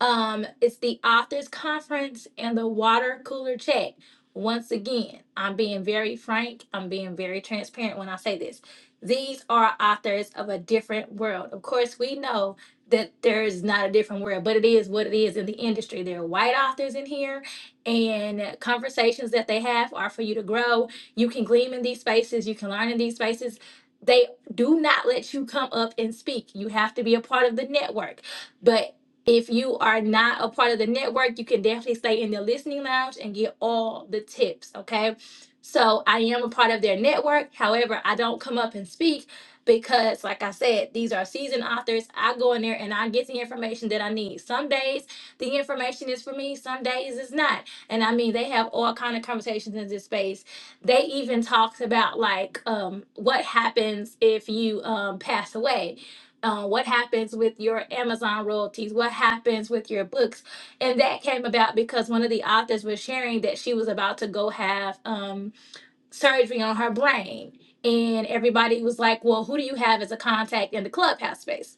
Speaker 2: um, it's the authors conference and the water cooler chat. Once again, I'm being very frank, I'm being very transparent when I say this. These are authors of a different world. Of course, we know that there is not a different world, but it is what it is in the industry. There are white authors in here, and conversations that they have are for you to grow. You can glean in these spaces, you can learn in these spaces. They do not let you come up and speak. You have to be a part of the network. But if you are not a part of the network, you can definitely stay in the listening lounge and get all the tips, okay? So I am a part of their network. However, I don't come up and speak because, like I said, these are seasoned authors. I go in there and I get the information that I need. Some days the information is for me, some days it's not. And I mean, they have all kind of conversations in this space. They even talked about like um, what happens if you um, pass away uh, what happens with your Amazon royalties? What happens with your books? And that came about because one of the authors was sharing that she was about to go have um, surgery on her brain. And everybody was like, Well, who do you have as a contact in the clubhouse space?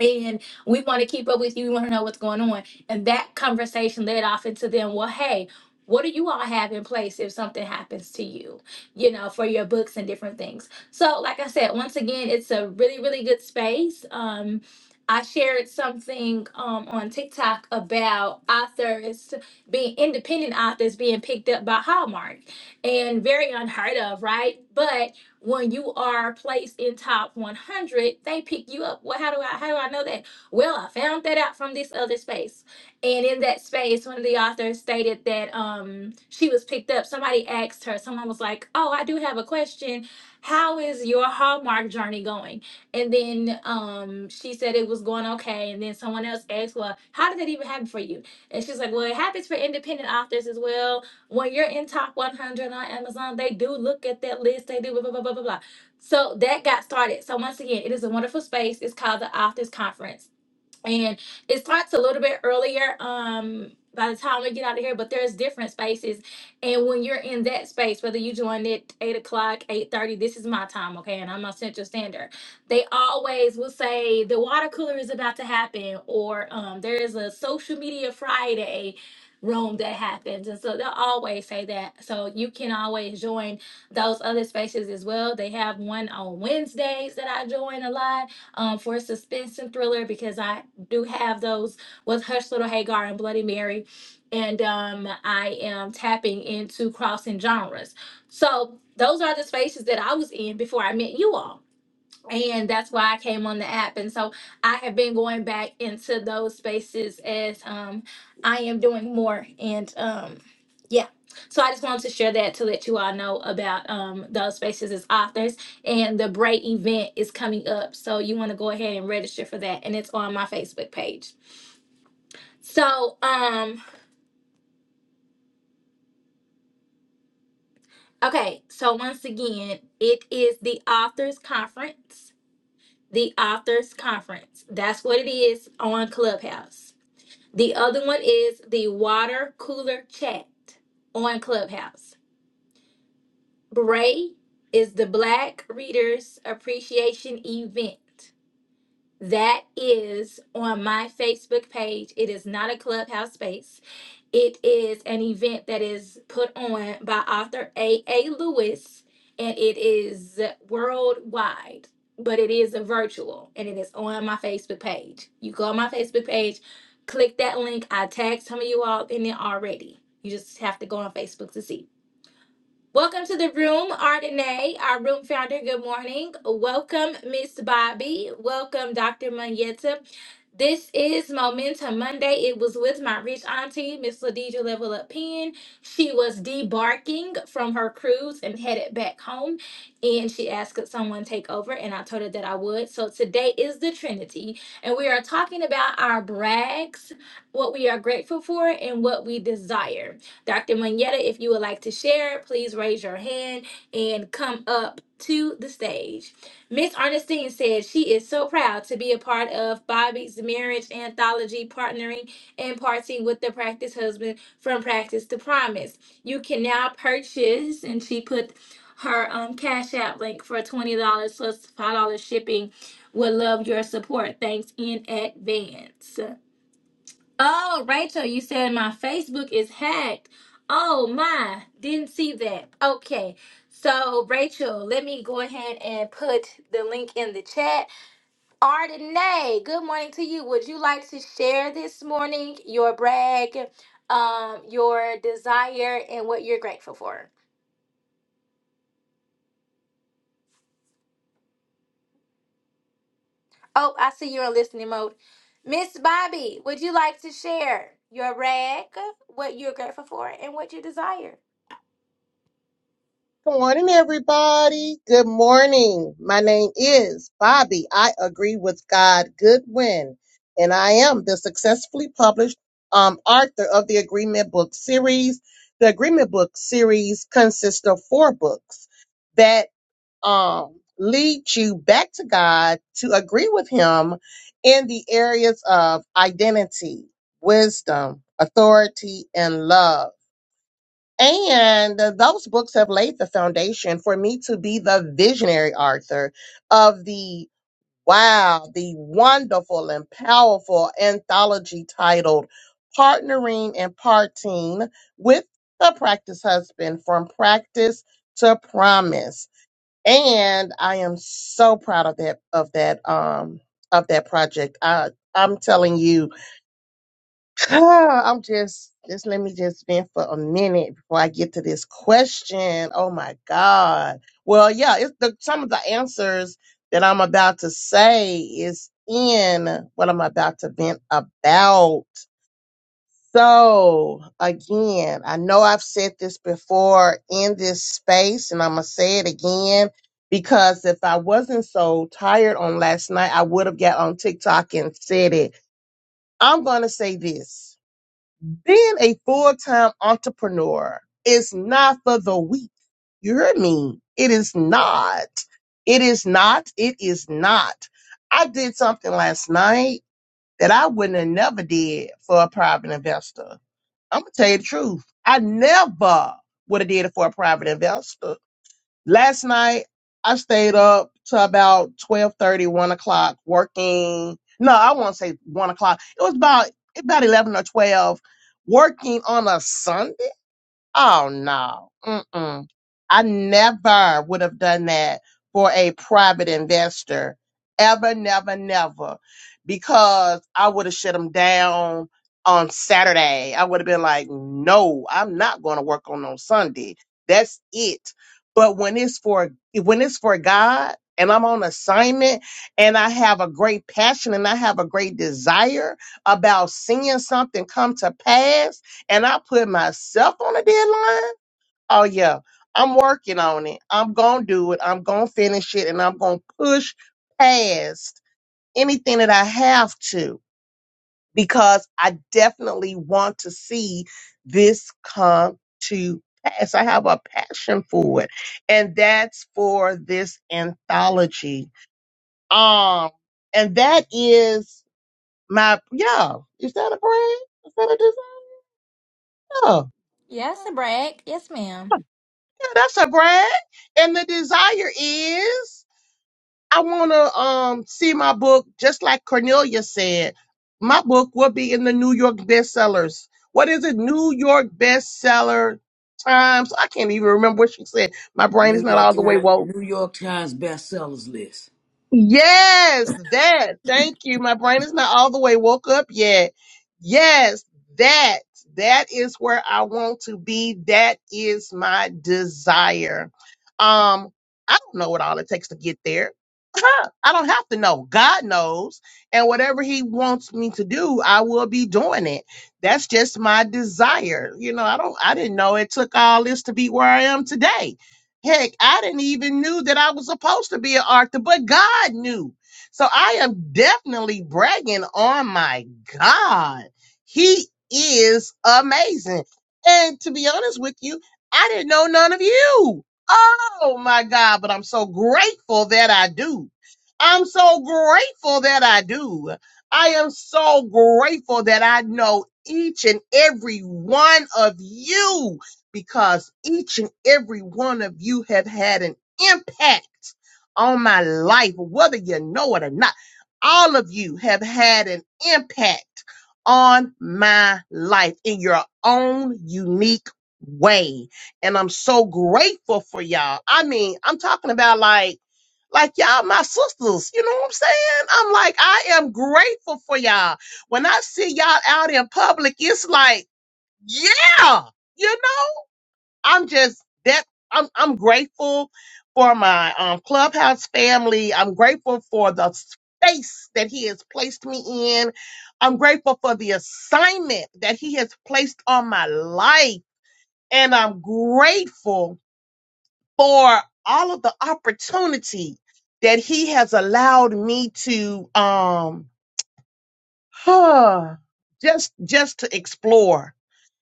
Speaker 2: and we want to keep up with you. We want to know what's going on. And that conversation led off into them, well, hey, what do you all have in place if something happens to you, you know, for your books and different things? So, like I said, once again, it's a really, really good space. Um, I shared something um, on TikTok about authors being independent authors being picked up by Hallmark and very unheard of, right? But when you are placed in top 100 they pick you up well how do i how do i know that well i found that out from this other space and in that space one of the authors stated that um she was picked up somebody asked her someone was like oh i do have a question how is your hallmark journey going and then um she said it was going okay and then someone else asked well how did that even happen for you and she's like well it happens for independent authors as well when you're in top 100 on Amazon, they do look at that list. They do blah, blah, blah, blah, blah. So that got started. So once again, it is a wonderful space. It's called the Authors Conference and it starts a little bit earlier um by the time we get out of here but there's different spaces and when you're in that space whether you joined at 8 o'clock 8.30 this is my time okay and i'm on central standard they always will say the water cooler is about to happen or um, there is a social media friday room that happens and so they'll always say that so you can always join those other spaces as well they have one on wednesdays that i join a lot um, for suspense and thriller because I do have those with Hush Little Hagar and Bloody Mary. And um, I am tapping into crossing genres. So those are the spaces that I was in before I met you all and that's why I came on the app. And so I have been going back into those spaces as um I am doing more and um yeah. So I just wanted to share that to let you all know about um those spaces as authors and the Bray event is coming up. So you want to go ahead and register for that and it's on my Facebook page. So um okay, so once again, it is the Authors Conference. The Authors Conference. That's what it is on Clubhouse The other one is the water cooler chat on Clubhouse. Bray is the Black Readers Appreciation event. That is on my Facebook page. It is not a clubhouse space. It is an event that is put on by author A. A. Lewis and it is worldwide, but it is a virtual and it is on my Facebook page. You go on my Facebook page, click that link. I tagged some of you all in it already. You just have to go on Facebook to see. Welcome to the room, Ardenae, our room founder. Good morning. Welcome, Miss Bobby. Welcome, Dr. Manyeta. This is Momentum Monday. It was with my rich auntie, Miss Ladija Level Up Pen. She was debarking from her cruise and headed back home. And she asked could someone take over, and I told her that I would. So today is the Trinity, and we are talking about our brags, what we are grateful for, and what we desire. Dr. Manetta, if you would like to share, please raise your hand and come up to the stage. Miss Ernestine says she is so proud to be a part of Bobby's marriage anthology, partnering and parting with the practice husband from practice to promise. You can now purchase, and she put her um, cash app link for twenty dollars plus five dollars shipping. Would love your support. Thanks in advance. Oh, Rachel, you said my Facebook is hacked. Oh my, didn't see that. Okay. So, Rachel, let me go ahead and put the link in the chat. Ardenay, good morning to you. Would you like to share this morning your brag, um, your desire, and what you're grateful for? Oh, I see you're in listening mode. Miss Bobby, would you like to share your brag, what you're grateful for, and what you desire?
Speaker 9: Good morning, everybody. Good morning. My name is Bobby. I agree with God Goodwin, and I am the successfully published um, author of the Agreement Book Series. The Agreement Book Series consists of four books that um, lead you back to God to agree with Him in the areas of identity, wisdom, authority, and love. And uh, those books have laid the foundation for me to be the visionary author of the wow, the wonderful and powerful anthology titled Partnering and Parting with the Practice Husband from Practice to Promise. And I am so proud of that of that um of that project. I I'm telling you Ah, I'm just, just let me just vent for a minute before I get to this question. Oh my God. Well, yeah, it's the, some of the answers that I'm about to say is in what I'm about to vent about. So again, I know I've said this before in this space and I'm going to say it again because if I wasn't so tired on last night, I would have got on TikTok and said it. I'm going to say this. Being a full time entrepreneur is not for the weak. You heard me. It is not. It is not. It is not. I did something last night that I wouldn't have never did for a private investor. I'm gonna tell you the truth. I never would have did it for a private investor. Last night I stayed up to about twelve thirty, one o'clock working. No, I won't say one o'clock. It was about about eleven or twelve, working on a Sunday. Oh no. Mm-mm. I never would have done that for a private investor. Ever, never, never. Because I would have shut them down on Saturday. I would have been like, no, I'm not going to work on on Sunday. That's it. But when it's for when it's for God and I'm on assignment and I have a great passion and I have a great desire about seeing something come to pass, and I put myself on a deadline, oh yeah, I'm working on it. I'm gonna do it. I'm gonna finish it, and I'm gonna push past anything that I have to because I definitely want to see this come to pass. I have a passion for it, and that's for this anthology. Um, and that is my yeah. Is that a brand? Is that a design? Yeah.
Speaker 2: Yes, a brag. Yes, ma'am.
Speaker 9: Yeah, that's a brag. And the desire is I want to um see my book, just like Cornelia said, my book will be in the New York bestsellers. What is it? New York bestseller times. I can't even remember what she said. My brain is
Speaker 5: New
Speaker 9: not
Speaker 5: York
Speaker 9: all the way
Speaker 5: Times,
Speaker 9: woke.
Speaker 5: New York Times bestsellers list.
Speaker 9: Yes, that. Thank you. My brain is not all the way woke up yet. Yes, that. That is where I want to be. That is my desire. Um, I don't know what all it takes to get there. I don't have to know. God knows. And whatever He wants me to do, I will be doing it. That's just my desire. You know, I don't I didn't know it took all this to be where I am today. Heck, I didn't even knew that I was supposed to be an actor, but God knew. So I am definitely bragging on my God. He is amazing. And to be honest with you, I didn't know none of you. Oh my God, but I'm so grateful that I do. I'm so grateful that I do. I am so grateful that I know each and every one of you because each and every one of you have had an impact on my life, whether you know it or not. All of you have had an impact on my life in your own unique way. And I'm so grateful for y'all. I mean, I'm talking about like, like y'all, my sisters, you know what I'm saying? I'm like, I am grateful for y'all. When I see y'all out in public, it's like, yeah, you know? I'm just that I'm I'm grateful for my um clubhouse family. I'm grateful for the space that he has placed me in. I'm grateful for the assignment that he has placed on my life. And I'm grateful for all of the opportunity that he has allowed me to um just just to explore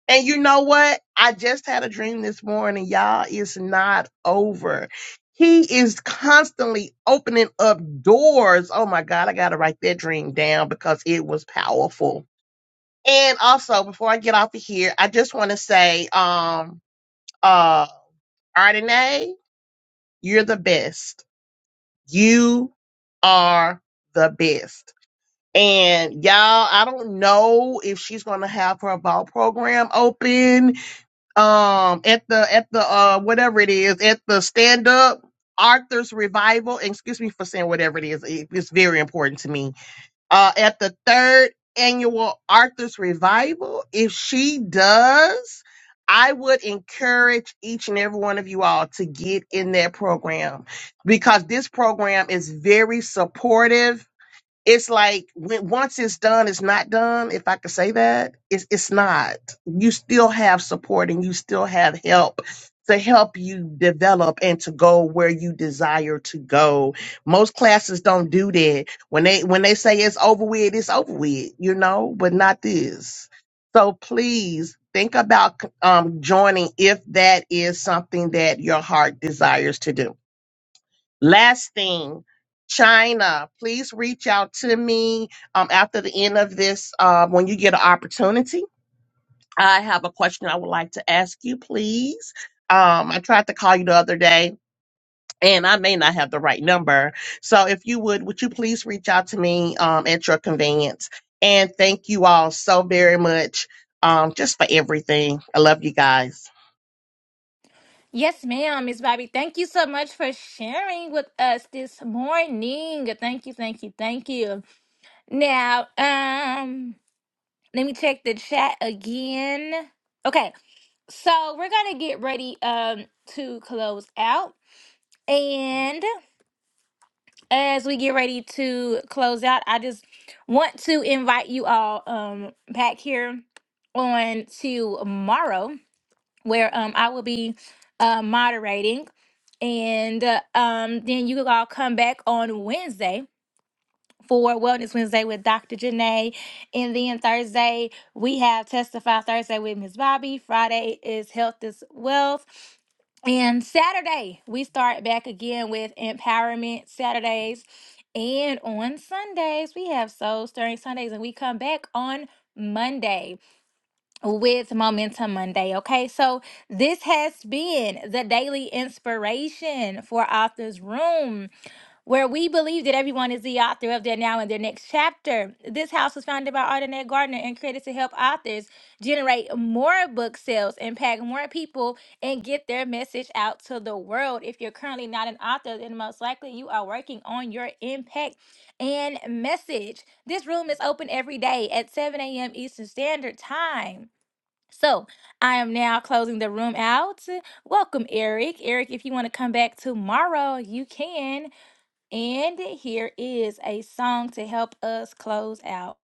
Speaker 9: and you know what? I just had a dream this morning. Y'all, it's not over. He is constantly opening up doors. Oh my God, I got to write that dream down because it was powerful. And also, before I get off of here, I just want to say, um, uh, Ardenae, you're the best. You are the best. And y'all, I don't know if she's going to have her ball program open um at the at the uh whatever it is at the stand up Arthur's revival. And Excuse me for saying whatever it is. it- it's very important to me. Uh at the third annual Arthur's revival, if she does, I would encourage each and every one of you all to get in that program because this program is very supportive it's like when once it's done, it's not done. If I could say that, it's it's not. You still have support and you still have help to help you develop and to go where you desire to go. Most classes don't do that. When they when they say it's over with, it's over with, you know, but not this. So please think about um, joining if that is something that your heart desires to do. Last thing, China, please reach out to me um, after the end of this uh, when you get an opportunity. I have a question I would like to ask you, please. Um, I tried to call you the other day and I may not have the right number. So if you would, would you please reach out to me um, at your convenience? And thank you all so very much um, just for everything. I love you guys.
Speaker 2: Yes, ma'am, Miss Bobby. Thank you so much for sharing with us this morning. Thank you, thank you, thank you. Now, um, let me check the chat again. Okay, so we're gonna get ready um to close out. And as we get ready to close out, I just want to invite you all um back here on tomorrow where um I will be uh, moderating And uh, um, then you all come back on Wednesday for Wellness Wednesday with Dr. Janae. And then Thursday, we have Testify Thursday with Ms. Bobby. Friday is Health is Wealth. And Saturday, we start back again with Empowerment Saturdays. And on Sundays, we have Soul Stirring Sundays, and we come back on Monday with Momentum Monday. Okay, so this has been the daily inspiration for Authors Room, where we believe that everyone is the author of their now and their next chapter. This house was founded by Ardenette Gardner and created to help authors generate more book sales, impact more people, and get their message out to the world. If you're currently not an author, then most likely you are working on your impact and message. This room is open every day at 7 a.m. Eastern Standard Time. So I am now closing the room out. Welcome, Eric. Eric, if you want to come back tomorrow, you can. And here is a song to help us close out.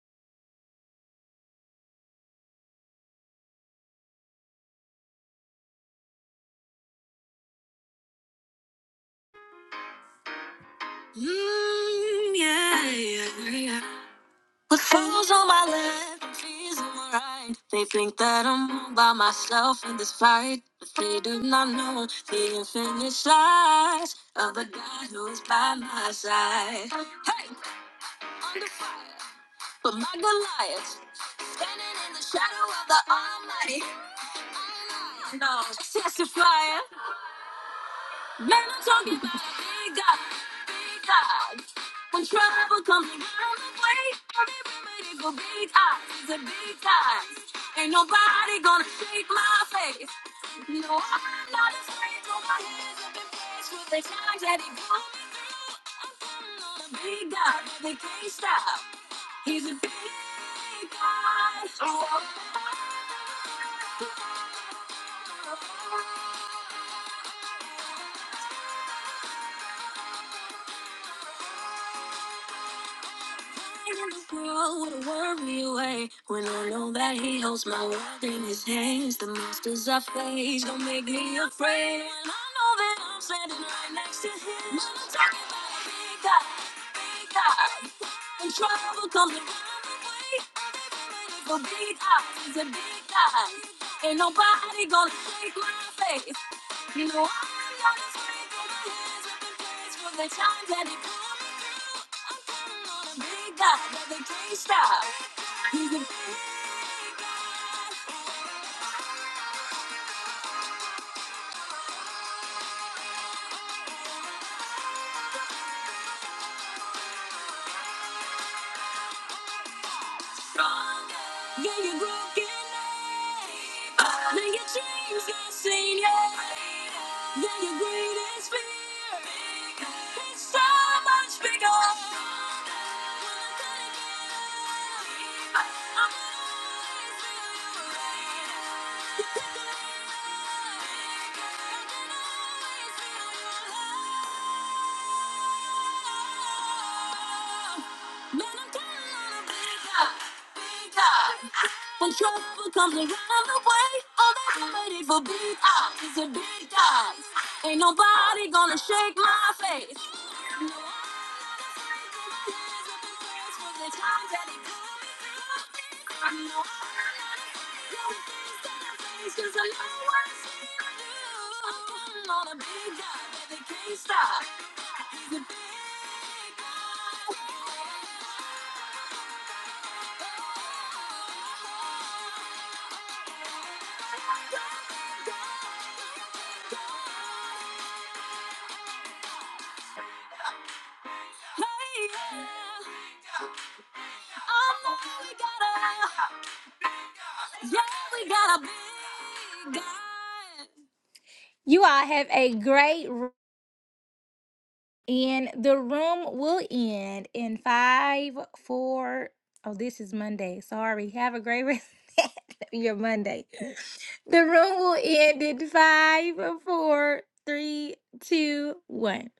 Speaker 2: Mm, yeah, yeah, yeah. With fools on my left and trees on my right, they think that I'm all by myself in this fight. But they do not know the infinite size of the God who is by my side. Hey, under fire, but my Goliath. Standing in the shadow of the Almighty. No, testifying. Man, I'm talking about a big God, big God. When trouble comes around the way, every remedy for big eyes is a big eyes. Ain't nobody gonna shake my faith. No, I'm not afraid. No, my hands have been placed with the times that he brought me through. I'm counting on a big God that they can't stop. He's a big God. Oh, oh, in the world would worry away when I know that He holds my world in His hands? The monsters I face don't make me afraid. When I know that I'm standing right next to Him, when I'm talking about a big God, big God, and trouble comes around the way. The big eyes, the big eyes. Ain't nobody gonna take my face. You know I'm gonna scream for the years I've been praised for the times that it pulled me through. I'm counting on a big God that they can't stop. He's a big guy. stronger. Yeah, you're brokenness. Now your dreams got seen. Yeah, yeah, your greatest fear. It's so much bigger. Wanna cut it down. When trouble comes around the way, all that I'm waiting for big eyes is a big eyes. Ain't nobody gonna shake my face. Stop. He's a big guy. You all have a great and the room will end in five, four. Oh, this is Monday. Sorry. Have a great rest of your Monday. The room will end in five, four, three, two, one.